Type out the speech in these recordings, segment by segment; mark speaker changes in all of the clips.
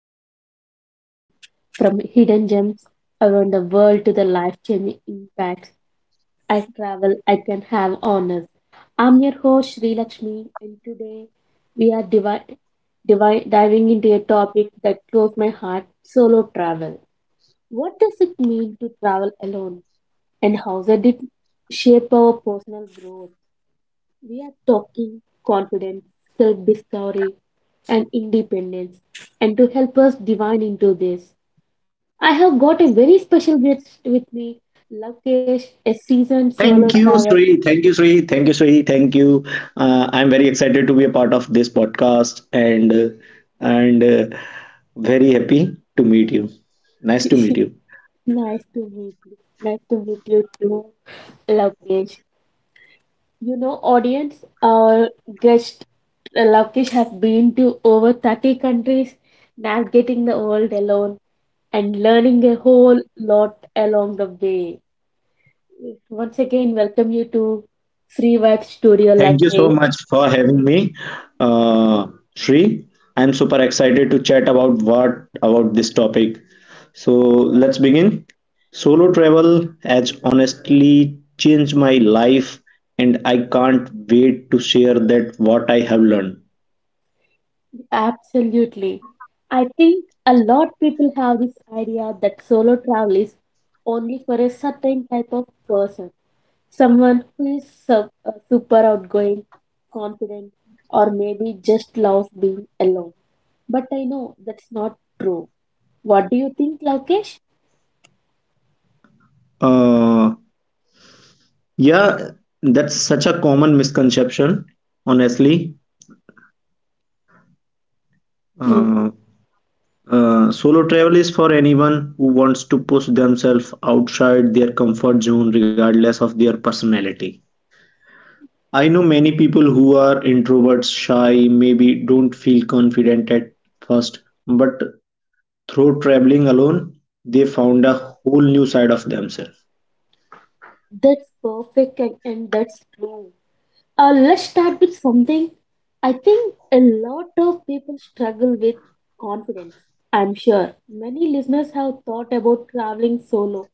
Speaker 1: everything travel from hidden gems around the world to the life changing impacts I can have on us. I'm your host Sri Lakshmi, and today we are diving into a topic that close my heart solo travel. What does it mean to travel alone, and how does it shape our personal growth? We are talking confidence, self discovery, and independence. And to help us divine into this, I have got a very special guest with me, Lakesh, a seasoned solo
Speaker 2: Thank you,
Speaker 1: traveler.
Speaker 2: Sri. Thank you, Sri. Thank you, Sri. Thank you. I'm very excited to be a part of this podcast and very happy to meet you. Nice to meet you.
Speaker 1: Nice to meet you. Nice to meet you too, Lakesh. You know, audience, our guest Lakesh has been to over 30 countries, navigating the world alone and learning a whole lot along the way. Once again welcome you to Free Vibe Studio Love
Speaker 2: Thank you so
Speaker 1: Page.
Speaker 2: much for having me, uh, Sri. I'm super excited to chat about what about this topic. So let's begin. Solo travel has honestly changed my life, and I can't wait to share that what I have learned.
Speaker 1: Absolutely. I think a lot people have this idea that solo travel is only for a certain type of person. Someone who is super outgoing, confident, or maybe just loves being alone. But I know that's not true. What do you think, Lokesh?
Speaker 2: Uh, Yeah, that's such a common misconception, honestly.
Speaker 1: Yeah,
Speaker 2: Uh, Solo travel is for anyone who wants to push themselves outside their comfort zone, regardless of their personality. I know many people who are introverts, shy, maybe don't feel confident at first, but through traveling alone, they found a whole new side of themselves.
Speaker 1: that's perfect and that's true. Let's start with something I think a lot of people struggle with confidence. I'm sure many listeners have thought about traveling solo,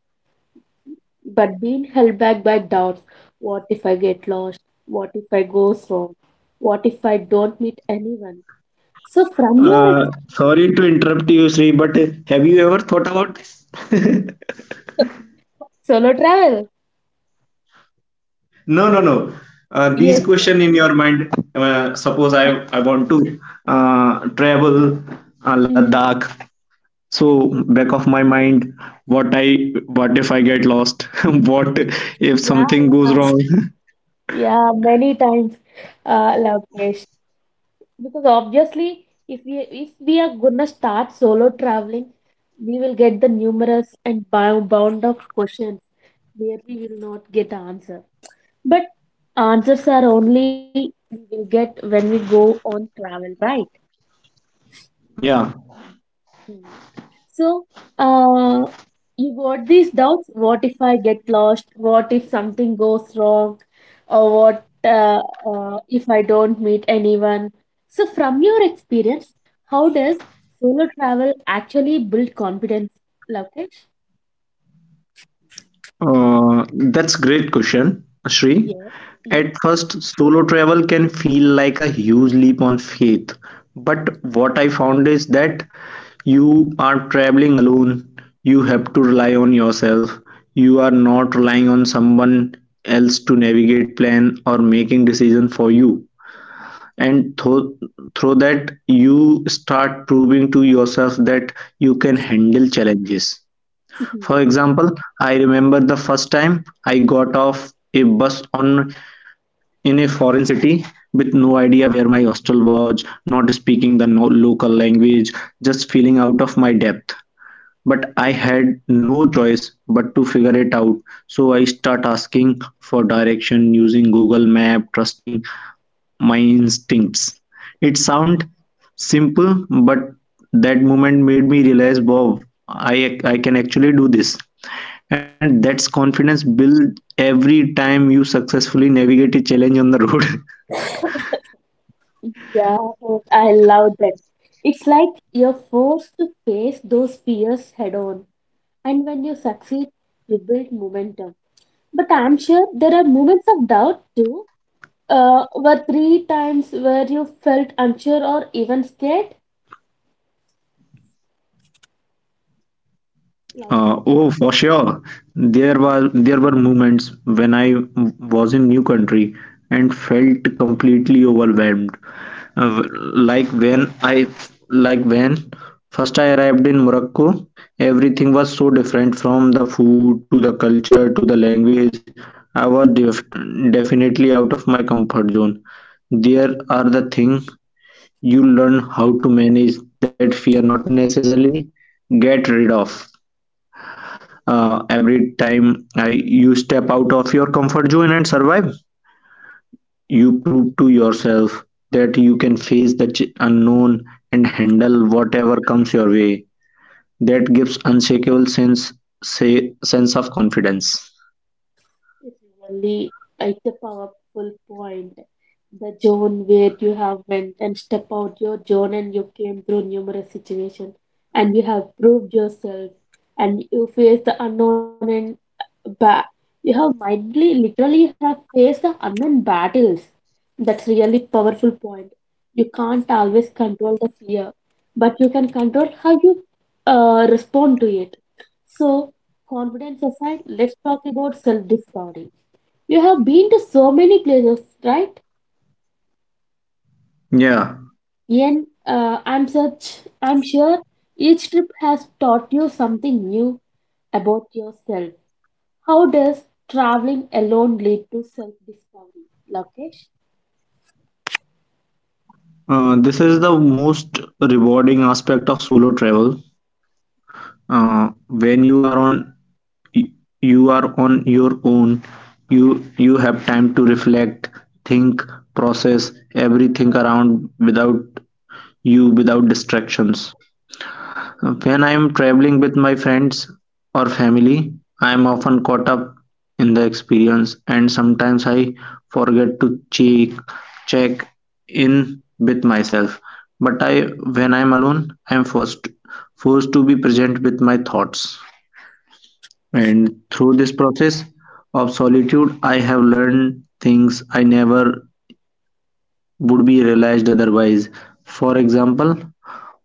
Speaker 1: but being held back by doubts. What if I get lost? What if I go wrong? What if I don't meet anyone? So, from your ex-
Speaker 2: Sorry to interrupt you, Sri, but have you ever thought about this?
Speaker 1: solo travel,
Speaker 2: No, no, no.
Speaker 1: yes,
Speaker 2: These
Speaker 1: yes,
Speaker 2: question in your mind. Suppose I want to travel
Speaker 1: mm,
Speaker 2: Ladakh. So
Speaker 1: yes,
Speaker 2: back of my mind, what if I get lost? What if
Speaker 1: yeah,
Speaker 2: something goes
Speaker 1: yeah,
Speaker 2: wrong?
Speaker 1: yeah, many times, Lokesh. Because obviously, if we are gonna start solo traveling, we will get the numerous and bound of questions where we will not get answer. But answers are only we will get when we go on travel, right?
Speaker 2: Yeah.
Speaker 1: So, uh, you got these doubts. What if I get lost? What if something goes wrong? Or what if I don't meet anyone? So, from your experience, how does solo travel actually build confidence, Lokesh?
Speaker 2: That's great question, Shri.
Speaker 1: Yeah,
Speaker 2: At
Speaker 1: yes,
Speaker 2: first, solo travel can feel like a huge leap on faith. But what I found is that you are traveling alone. You have to rely on yourself. You are not relying on someone else to navigate, plan, or making decision for you. And through that, you start proving to yourself that you can handle challenges. For
Speaker 1: yeah,
Speaker 2: example, I remember the first time I got off a bus on in a foreign city with no idea where my hostel was, not speaking the local language, just feeling out of my depth. But I had no choice but to figure it out, so I start asking for direction using Google Map, trusting my instincts. It sound simple, but that moment made me realize, wow, I can actually do this. And that's confidence built every time you successfully navigate a challenge on the road.
Speaker 1: yeah. I love that. It's like you're forced to face those fears head on, and when you succeed, you build momentum. But I'm sure there are moments of doubt too. Were three times where you felt unsure or even scared? Okay.
Speaker 2: Oh, for sure. There were moments when I was in new country and felt completely overwhelmed. Uh, like when I like when first I arrived in Morocco, everything was so different from the food to the culture to the language. I was definitely out of my comfort zone. There are the things you learn how to manage that fear, not necessarily get rid of. You step out of your comfort zone and survive, you prove to yourself that you can face the unknown and handle whatever comes your way. That gives unshakable sense of confidence.
Speaker 1: It's really it's a powerful point. The zone where you have went and step out your zone and you came through numerous situations and you have proved yourself and you face the unknown and ba- you have mindly literally you have faced the unknown battles. That's really powerful point. You can't always control the fear, but you can control how you respond to it. So confidence aside, let's talk about self discovery. You have been to so many places, right?
Speaker 2: Yeah,
Speaker 1: Ian, I'm sure each trip has taught you something new about yourself. How does traveling alone lead to self discovery? Lokesh,
Speaker 2: this is the most rewarding aspect of solo travel. When you are on You are on your own, you you have time to reflect, think, process everything around without distractions. When I am traveling with my friends or family, I am often caught up in the experience and sometimes I forget to check check in with myself. But I When I am alone, I am forced to be present with my thoughts. And through this process of solitude I have learned things I never would be realized otherwise. For example,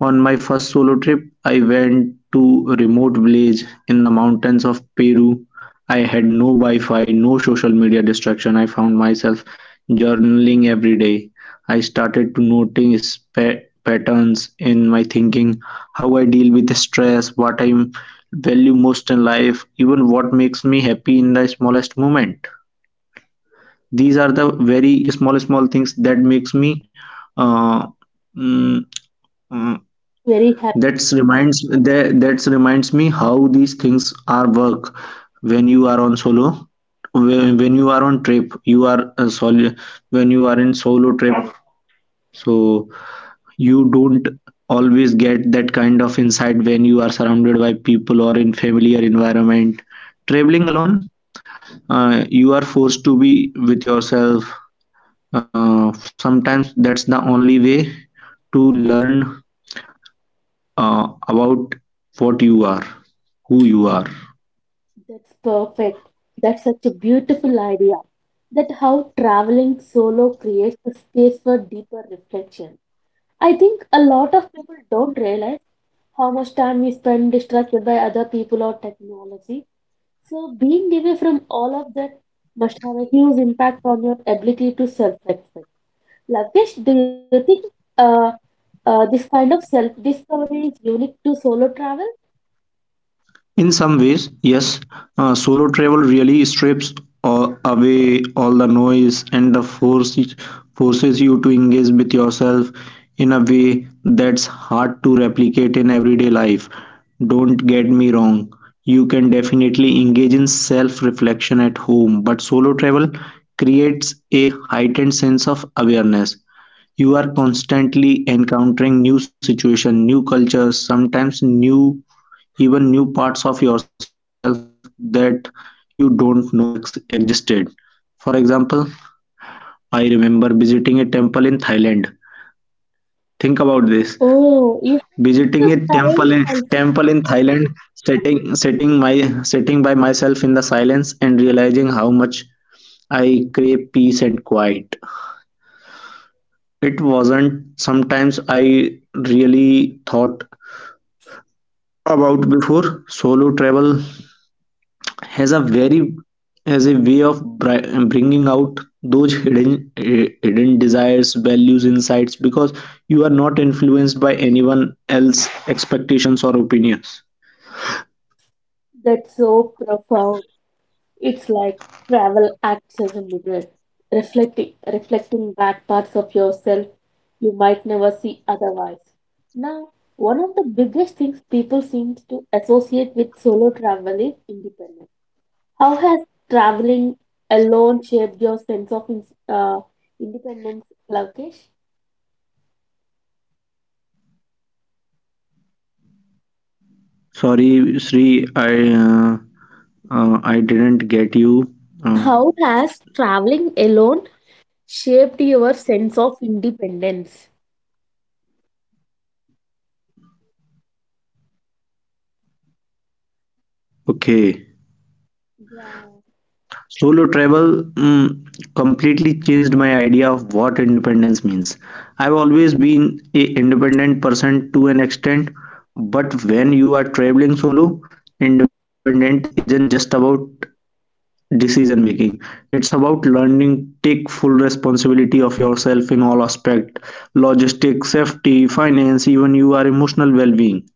Speaker 2: on my first solo trip, I went to a remote village in the mountains of Peru. I had no Wi-Fi, no social media distraction. I found myself journaling every day. I started to notice patterns in my thinking, how I deal with stress, what I value most in life, even what makes me happy in the smallest moment. These are the very small things that makes me uh, mm, uh,
Speaker 1: very happy.
Speaker 2: that's reminds me how these things are work when you are on solo when, you are on trip you are solo when you are in solo trip. So you don't always get that kind of insight when you are surrounded by people or in familiar environment. Traveling alone, you are forced to be with yourself. Sometimes that's the only way to learn about what you are, who you are.
Speaker 1: That's perfect. That's such a beautiful idea. That how traveling solo creates a space for deeper reflection. I think a lot of people don't realize how much time we spend distracted by other people or technology. So, being away from all of that must have a huge impact on your ability to self respect. Lakesh, do you think uh, this kind of self discovery is unique to solo travel?
Speaker 2: In some ways, yes, solo travel really strips away all the noise and the forces you to engage with yourself in a way that's hard to replicate in everyday life. Don't get me wrong, you can definitely engage in self-reflection at home, but solo travel creates a heightened sense of awareness. You are constantly encountering new situations, new cultures, sometimes new, even new parts of yourself that you don't know existed. For example, I remember visiting a temple in Thailand. Think about this.
Speaker 1: Oh, you
Speaker 2: Visiting
Speaker 1: have
Speaker 2: a
Speaker 1: taken
Speaker 2: temple
Speaker 1: time also.
Speaker 2: in Thailand, sitting by myself in the silence and realizing how much I crave peace and quiet. It wasn't sometimes I really thought about before. Solo travel has a very has a way of bringing out those hidden desires, values, insights, because you are not influenced by anyone else expectations or opinions.
Speaker 1: That's so profound. It's like travel acts as a mirror, reflecting back parts of yourself you might never see otherwise. Now, one of the biggest things people seem to associate with solo travel is independence. How has traveling alone shaped your sense of independence, Lavkesh?
Speaker 2: Sorry, Sri, i uh, I didn't get you. uh,
Speaker 1: How has traveling alone shaped your sense of independence?
Speaker 2: okay.
Speaker 1: Yeah.
Speaker 2: Solo travel completely changed my idea of what independence means. I've always been a independent person to an extent, but when you are traveling solo, independent isn't just about decision making. It's about learning take full responsibility of yourself in all aspect, logistics, safety, finance, even you are emotional well-being.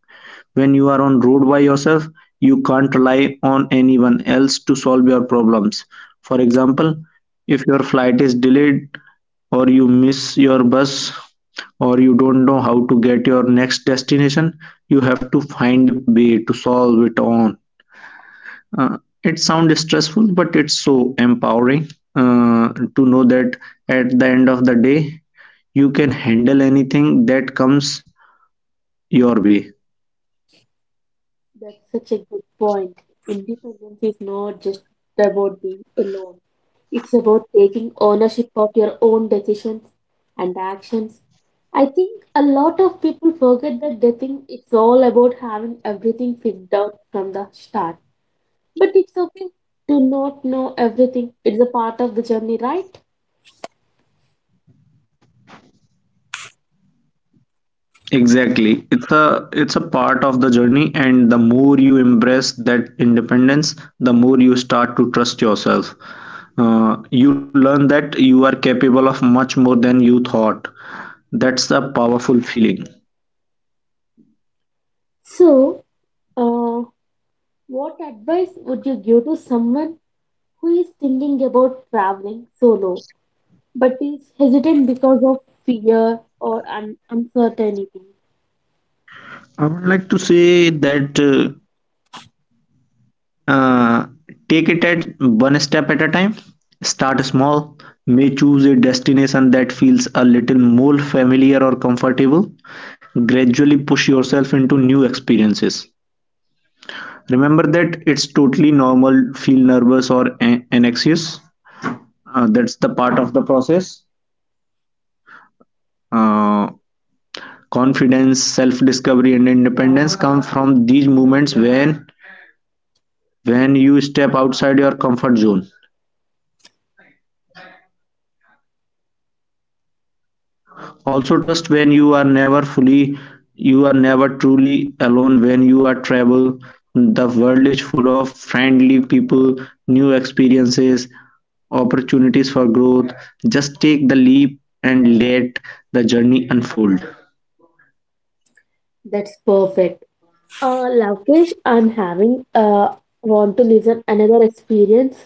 Speaker 2: When you are on road by yourself, you can't rely on anyone else to solve your problems. For example, if your flight is delayed or you miss your bus or you don't know how to get your next destination, you have to find a way to solve it on. It sounds stressful, but it's so empowering to know that at the end of the day, you can handle anything that comes your way.
Speaker 1: That's such a good point. Independence is not just about being alone. It's about taking ownership of your own decisions and actions. I think a lot of people forget that they think it's all about having everything figured out from the start. But it's okay to not know everything. It's a part of the journey, right?
Speaker 2: Exactly. It's a part of the journey, and the more you embrace that independence, the more you start to trust yourself. You learn that you are capable of much more than you thought. That's a powerful feeling.
Speaker 1: So, uh, what advice would you give to someone who is thinking about traveling solo, but is hesitant because of fear or uncertainty?
Speaker 2: I would like to say that uh, take it at one step at a time. Start small. May choose a destination that feels a little more familiar or comfortable. Gradually push yourself into new experiences. Remember that it's totally normal feel nervous or anxious. Uh, that's the part of the process. Uh, confidence, self discovery, and independence come from these moments when you step outside your comfort zone. Also trust when you are never fully you are never truly alone when you are travel. The world is full of friendly people, new experiences, opportunities for growth. Just take the leap and let the journey unfold.
Speaker 1: That's perfect. Lokesh, I'm having want to listen another experience.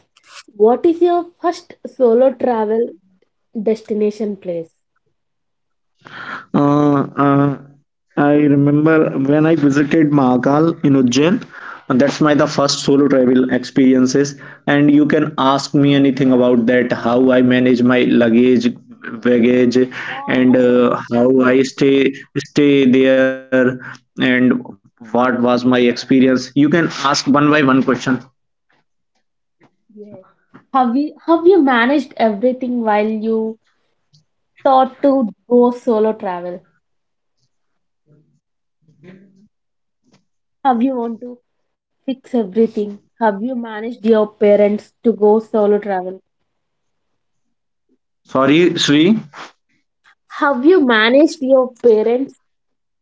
Speaker 1: What is your first solo travel destination place?
Speaker 2: Uh, uh, I remember when I visited Mahakal in Ujjain, and that's my the first solo travel experiences. And you can ask me anything about that, how I manage my luggage, baggage,
Speaker 1: Yeah, I
Speaker 2: and
Speaker 1: want to
Speaker 2: how
Speaker 1: know.
Speaker 2: I stay there, and what was my experience. You can ask one by one question.
Speaker 1: Yes. Have you managed everything while you thought to go solo travel? Have you want to fix everything? Have you managed your parents to go solo travel?
Speaker 2: Sorry, Sri.
Speaker 1: Have you managed your parents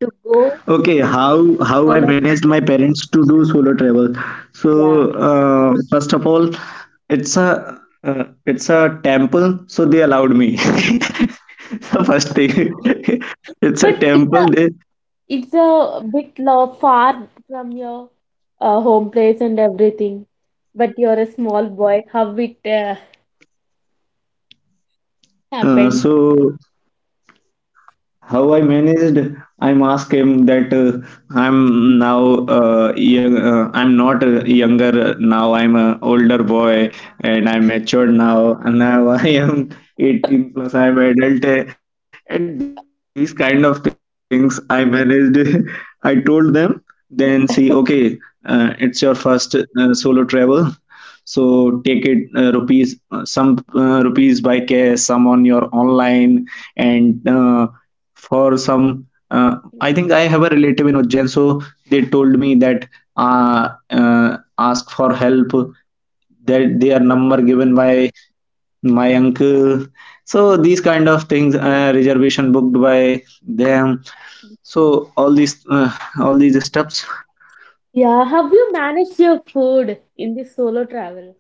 Speaker 1: to go
Speaker 2: Okay,
Speaker 1: for
Speaker 2: how
Speaker 1: solo
Speaker 2: I managed my
Speaker 1: travel?
Speaker 2: parents to do solo travel.
Speaker 1: Yeah,
Speaker 2: So first of all, it's a temple, so they allowed me. So first thing, it's a
Speaker 1: but it's a
Speaker 2: temple. They
Speaker 1: it's a bit lo- far from your home place and everything. But you're a small boy. How it
Speaker 2: uh,
Speaker 1: happened?
Speaker 2: so How I managed, I'm asked him that I'm now I'm not younger now, I'm an older boy and I'm matured now. And now I am 18 plus, I'm adult. And these kind of things I managed. I told them, then see, okay, it's your first solo travel, so take it rupees some rupees by cash, some on your online, and for some I think I have a relative in Ujjain. So they told me that ask for help, that their number given by my uncle. So these kind of things, reservation booked by them. So all these steps.
Speaker 1: Yeah, have you managed your food in this solo travel?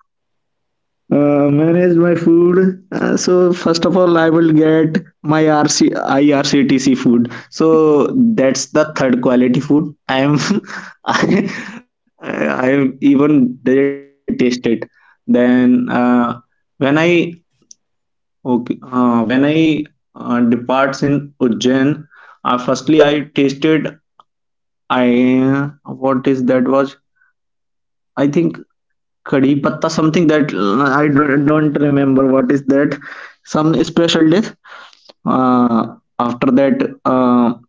Speaker 2: Manage my food. So first of all, I will get my RC IRCTC food. So that's the third quality food. I am I, I even didn't taste it. Then when I okay when I departs in Ujjain, firstly I tasted I what is that was I think कढ़ी पत्ता something that I don't remember what is that. Some special dish. After that,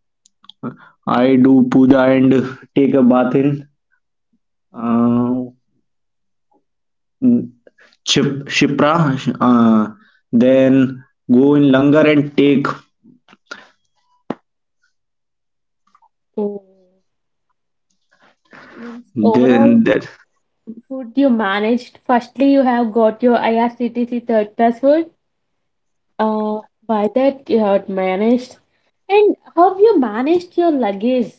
Speaker 2: I do puja and take a bath in uh, Shipra. Then go in Langar and take.
Speaker 1: Oh. Means overall
Speaker 2: Then that
Speaker 1: food you managed. Firstly, you have got your IRCTC third class food. Uh, by that you had managed. And how have you managed your luggage?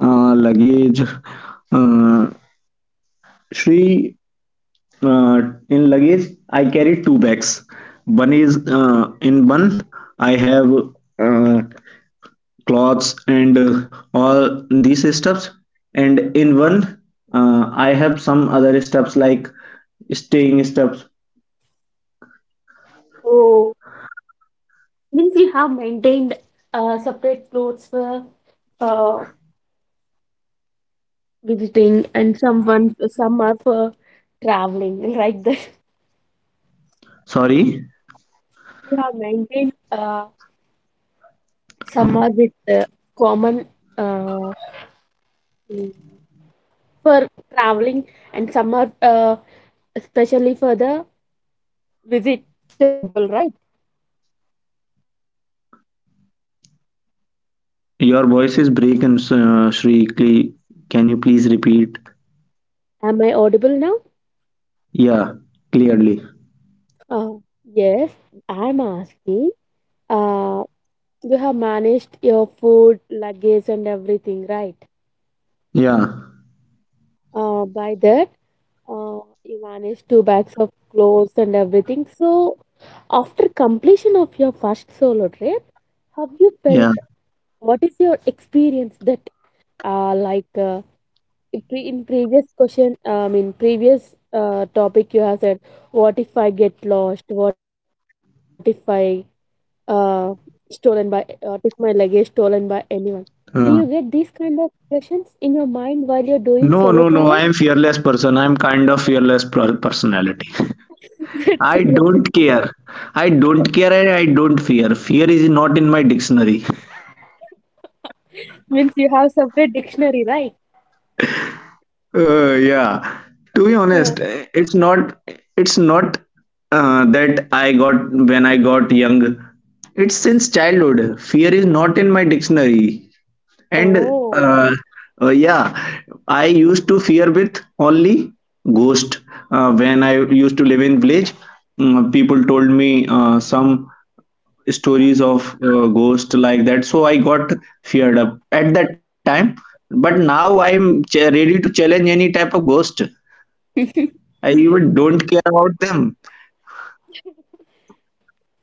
Speaker 2: Luggage. Uh, Shri, uh, in luggage I carry two bags. One is In one I have uh, clothes and all these stuffs, and in one I have some other stuffs like staying stuffs.
Speaker 1: Oh, means you have maintained separate clothes for uh, visiting and someone some are for traveling like that.
Speaker 2: Sorry,
Speaker 1: You have maintained some are with common uh, for traveling and some are especially for the visit temple, right?
Speaker 2: your voice is breaking, Shri. Cle- can you please repeat.
Speaker 1: Am I audible now?
Speaker 2: Yeah, clearly.
Speaker 1: Yes, I'm asking. uh, you have managed your food, luggage, and everything, right?
Speaker 2: Yeah,
Speaker 1: By that, you managed two bags of clothes and everything. So, after completion of your first solo trip, have you felt?
Speaker 2: yeah.
Speaker 1: What is your experience that, uh, like, uh, in previous question, I mean, previous topic you have said, what if I get lost? What if I uh, stolen by took my luggage stolen by anyone, do you get these
Speaker 2: Uh,
Speaker 1: kind of questions in your mind while you're doing solo
Speaker 2: no, no,
Speaker 1: travel?
Speaker 2: no, I am fearless person. I am kind of fearless personality.
Speaker 1: That's
Speaker 2: I
Speaker 1: real.
Speaker 2: don't care. I don't care and I don't fear. Fear is not in my dictionary.
Speaker 1: Means you have separate dictionary, right?
Speaker 2: Uh, yeah. To be honest,
Speaker 1: Uh,
Speaker 2: it's not that I got when I got young. It's since childhood. Fear is not in my dictionary. And
Speaker 1: Oh,
Speaker 2: uh, uh, yeah, I used to fear with only ghost. When I used to live in village, people told me some stories of ghost like that, so I got feared up at that time, but now ready to challenge any type of ghost. I even don't care about them.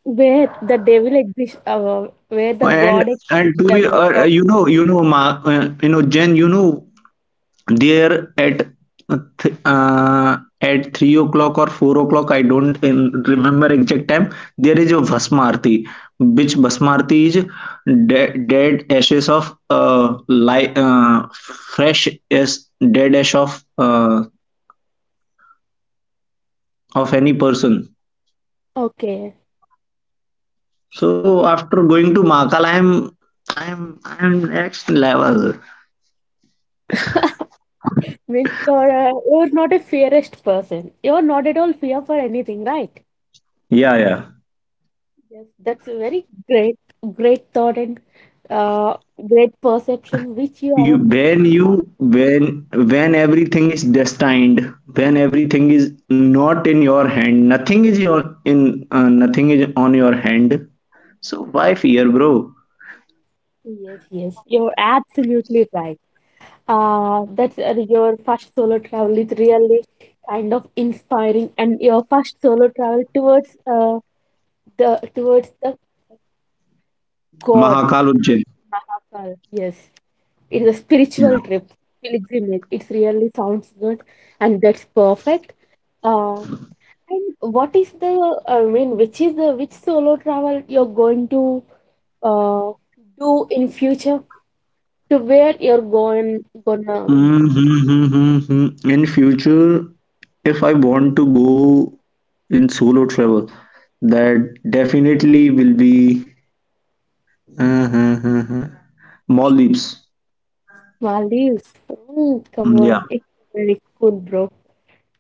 Speaker 1: where the devil exists, where the
Speaker 2: and
Speaker 1: god exists,
Speaker 2: and to be
Speaker 1: devil is also
Speaker 2: you know, you know Ma, you know jen you know there at at 3 o'clock or 4 o'clock, I don't remember exact time. There is a Bhasmarti, which Bhasmarti is dead ashes of fresh as dead ash of any person.
Speaker 1: okay.
Speaker 2: So after going to Makal, I am next level.
Speaker 1: Means you're not a fearest person. You're not at all fear for anything, right?
Speaker 2: Yeah, yeah.
Speaker 1: Yes, that's a great thought and uh, great perception which you
Speaker 2: You
Speaker 1: have.
Speaker 2: when when everything is destined, when everything is not in your hand, nothing is your in nothing is on your hand, so why fear, bro?
Speaker 1: Yes, yes, you're absolutely right. That your first solo travel is really kind of inspiring, and your first solo travel towards the towards the God
Speaker 2: Mahakal Ujjain.
Speaker 1: Mahakal. Yes, it's a
Speaker 2: Yeah.
Speaker 1: spiritual trip, pilgrimage. It really sounds good, and that's perfect. Uh, and what is the I mean, which is the which solo travel you're going to uh do in future? To where you're going gonna
Speaker 2: Mm-hmm. In future, if I want to go in solo travel, that definitely will be uh, uh, uh, uh, Maldives.
Speaker 1: Maldives. Mm, come
Speaker 2: Mm,
Speaker 1: on.
Speaker 2: yeah.
Speaker 1: It's very cool, bro.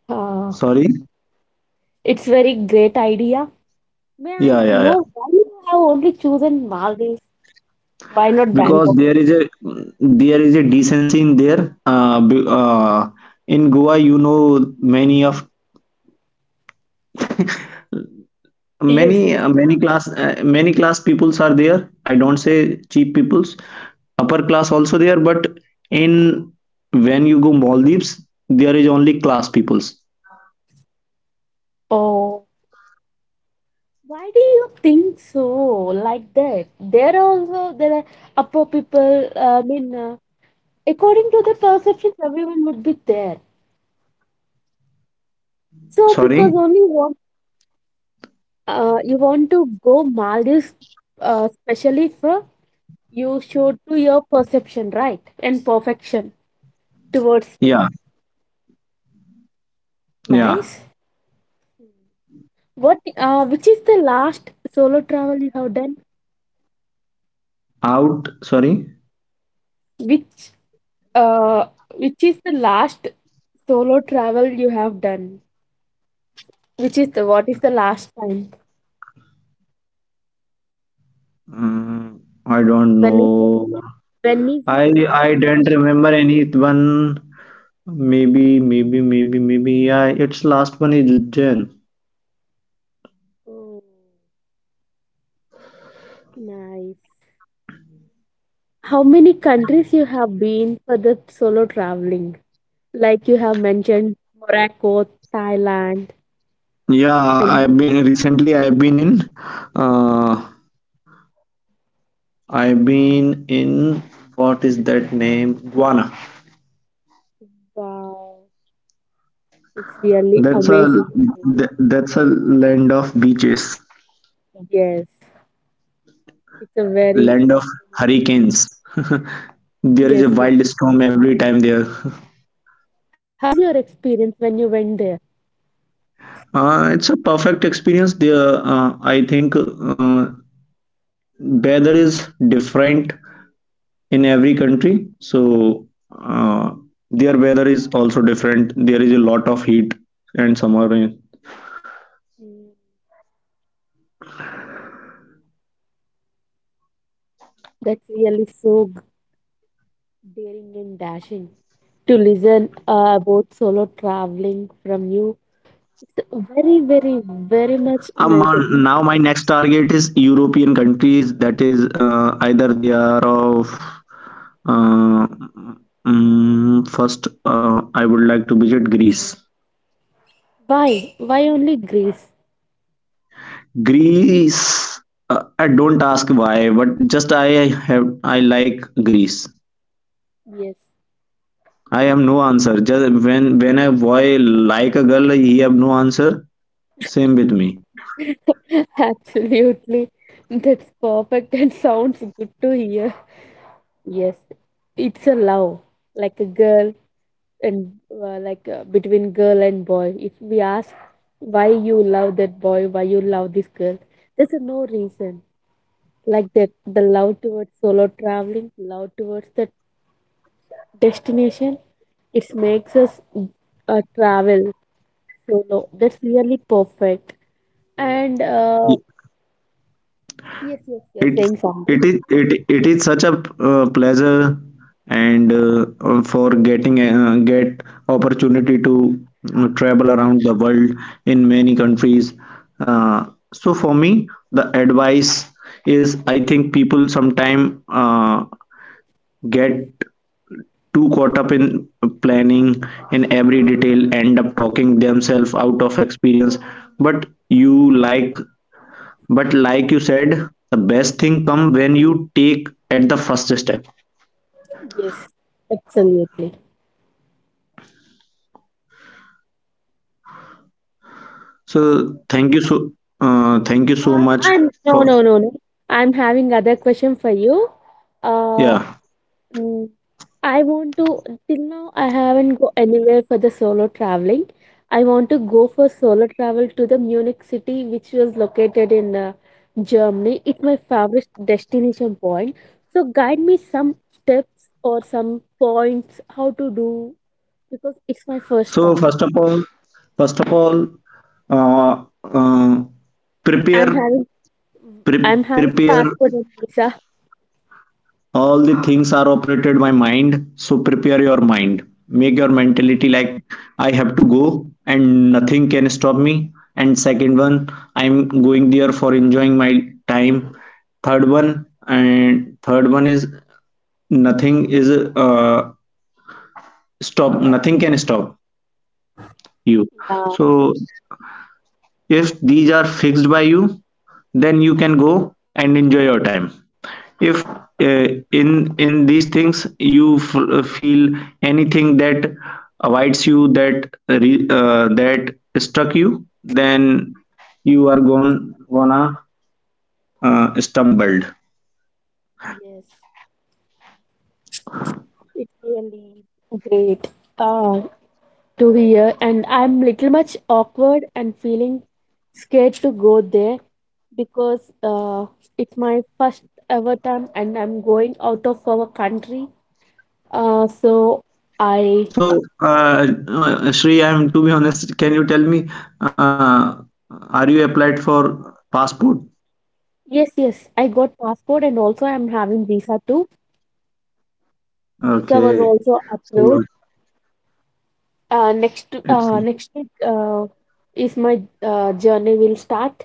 Speaker 1: Uh,
Speaker 2: Sorry.
Speaker 1: it's very great idea. May I
Speaker 2: Yeah, yeah, yeah.
Speaker 1: know why you have only chosen Maldives? Why not
Speaker 2: Because
Speaker 1: Bangkok?
Speaker 2: there is a decency in there, in Goa you know, many of
Speaker 1: Yes,
Speaker 2: many
Speaker 1: yes.
Speaker 2: many class peoples are there. I don't say cheap peoples, upper class also there, but in when you go Maldives there is only class peoples.
Speaker 1: Oh, why do you think so? Like that? There also there are upper people. According to the perceptions, everyone would be there. So because
Speaker 2: Sorry.
Speaker 1: only one, you want to go Maldives, specially for you show to your perception right and perfection towards you.
Speaker 2: Yeah, yeah.
Speaker 1: Nice. What which is the last solo travel you have done,
Speaker 2: Out, sorry.
Speaker 1: which uh which is the last solo travel you have done, which is the what is the last time,
Speaker 2: Mm, I don't
Speaker 1: when is your,
Speaker 2: know.
Speaker 1: when is
Speaker 2: i
Speaker 1: your last
Speaker 2: i don't
Speaker 1: solo?
Speaker 2: remember anyone. Maybe, maybe, maybe, maybe. Yeah, its last one is Jen.
Speaker 1: Oh, nice. How many countries you have been for the solo traveling, like you have mentioned Morocco, Thailand,
Speaker 2: Yeah,
Speaker 1: and
Speaker 2: I've been recently. Uh, I've been in. What is that name? Guana.
Speaker 1: wow, it's really
Speaker 2: That's a
Speaker 1: amazing.
Speaker 2: that's a land of beaches,
Speaker 1: Yes, it's a very,
Speaker 2: land of hurricanes. There is a
Speaker 1: yes, yes.
Speaker 2: wild storm every time there.
Speaker 1: How was your experience when you went there?
Speaker 2: It's a perfect experience there. I think weather is different in every country. So uh, their weather is also different. There is a lot of heat and summer rain.
Speaker 1: Mm, that's really so daring and dashing to listen about solo traveling from you. It's a very much nice. Ex-
Speaker 2: Now my next target is European countries. That is either they are of uh, first. I would like to visit Greece.
Speaker 1: why? Why only Greece?
Speaker 2: Greece. I don't ask why, but just I like Greece.
Speaker 1: Yes,
Speaker 2: I have no answer. Just when a boy like a girl, he have no answer. Same with me.
Speaker 1: absolutely. That's perfect and sounds good to hear. Yes, it's a love, like a girl, and between girl and boy, if we ask why you love that boy, why you love this girl, there's a no reason. Like that, the love towards solo traveling, love towards the destination, it makes us travel solo. That's really perfect and
Speaker 2: Y-
Speaker 1: yes, yes, you're
Speaker 2: It's
Speaker 1: saying something.
Speaker 2: it is such a pleasure and for getting get opportunity to travel around the world in many countries. Uh, so for me, the advice is I think people sometime get too caught up in planning in every detail, end up talking themselves out of experience. But you like but like you said, the best thing come when you take at the first step.
Speaker 1: Yes, absolutely.
Speaker 2: So thank you thank you so
Speaker 1: What?
Speaker 2: much
Speaker 1: Am no,
Speaker 2: for.
Speaker 1: no, no, no, I'm having other question for you. uh,
Speaker 2: Yeah,
Speaker 1: Mm. I want to, till now, I haven't go anywhere for the solo traveling. I want to go for solo travel to the Munich city, which was located in Germany. It's my favorite destination point. So guide me some steps or some points how to do, because it's my first
Speaker 2: so
Speaker 1: time.
Speaker 2: first of all, first of all uh, uh,
Speaker 1: I'm
Speaker 2: prepare,
Speaker 1: having I'm having
Speaker 2: prepare
Speaker 1: passport and visa.
Speaker 2: all the things are operated by mind, so prepare your mind, make your mentality like I have to go and nothing can stop me. And second one, I'm going there for enjoying my time. Third one, and third one is nothing is stop nothing can stop you.
Speaker 1: Yeah,
Speaker 2: So if these are fixed by you, then you can go and enjoy your time. If in these things you feel anything that avoids you, that that struck you, then you are gonna stumbled.
Speaker 1: yes, it's really great. Ah. To here and I'm little much awkward and feeling scared to go there, because it's my first ever time and I'm going out of our country. So I
Speaker 2: So, Shri, I'm to be honest, can you tell me, uh, are you applied for passport?
Speaker 1: yes, yes, I got passport and also I'm having visa too. Visa was
Speaker 2: Okay.
Speaker 1: also
Speaker 2: So
Speaker 1: approved. Uh, next
Speaker 2: it's
Speaker 1: uh, next week is my journey will start.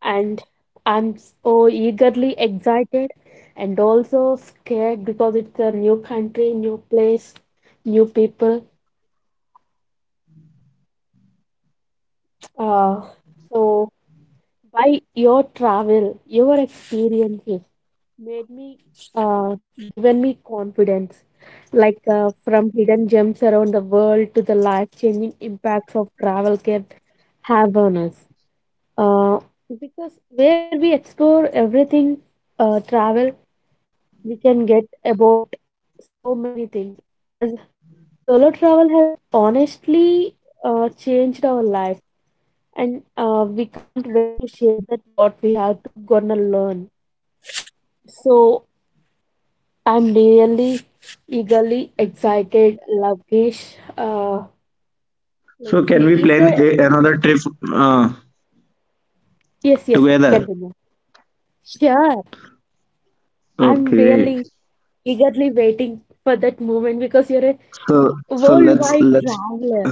Speaker 1: And I'm so eagerly excited and also scared because it's a new country, new place, new people. Uh, so, by your travel, your experiences made me uh, given me confidence, from hidden gems around the world to the life-changing impacts of travel can have on us. Uh, because where we explore everything, travel, we can get about so many things as solo travel has honestly changed our life, and we can't wait to share that what we have to gonna learn. So I'm really eagerly excited, Lovekish. uh,
Speaker 2: so
Speaker 1: let's
Speaker 2: can we
Speaker 1: see, is
Speaker 2: plan
Speaker 1: there
Speaker 2: a,
Speaker 1: any...
Speaker 2: another trip, uh,
Speaker 1: Yes, yes,
Speaker 2: together?
Speaker 1: continue. Sure. I'm
Speaker 2: Okay.
Speaker 1: really eagerly waiting for that moment, because you're a
Speaker 2: So let's
Speaker 1: worldwide traveler.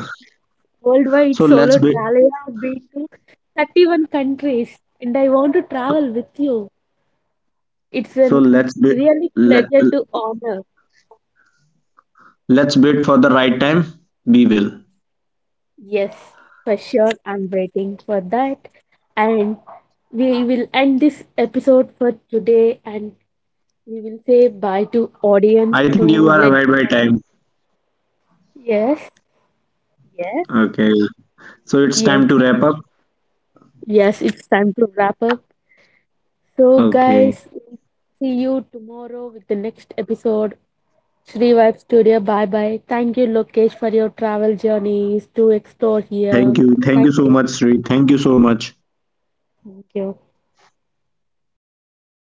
Speaker 1: Worldwide
Speaker 2: so
Speaker 1: solo
Speaker 2: let's be,
Speaker 1: travel. I have been to 31 countries and I want to travel with you. It's
Speaker 2: so
Speaker 1: a
Speaker 2: let's be
Speaker 1: really
Speaker 2: let,
Speaker 1: pleasure to honor.
Speaker 2: let's wait for the right time. We will.
Speaker 1: Yes, for sure. I'm waiting for that. And we will end this episode for today, and we will say bye to
Speaker 2: I
Speaker 1: audience, to
Speaker 2: think you are
Speaker 1: let
Speaker 2: aware
Speaker 1: them
Speaker 2: by
Speaker 1: all.
Speaker 2: time.
Speaker 1: Yes, yes,
Speaker 2: Okay. So it's time
Speaker 1: yes.
Speaker 2: to wrap up.
Speaker 1: Yes, it's time to wrap up. So,
Speaker 2: Okay.
Speaker 1: guys, see you tomorrow with the next episode. Shri Vibe Studio, bye bye. Thank you, Lokesh, for your travel journeys to explore
Speaker 2: Thank
Speaker 1: here.
Speaker 2: you. Thank you
Speaker 1: Thank
Speaker 2: so much,
Speaker 1: you.
Speaker 2: Sri. Thank you so much.
Speaker 1: Thank you.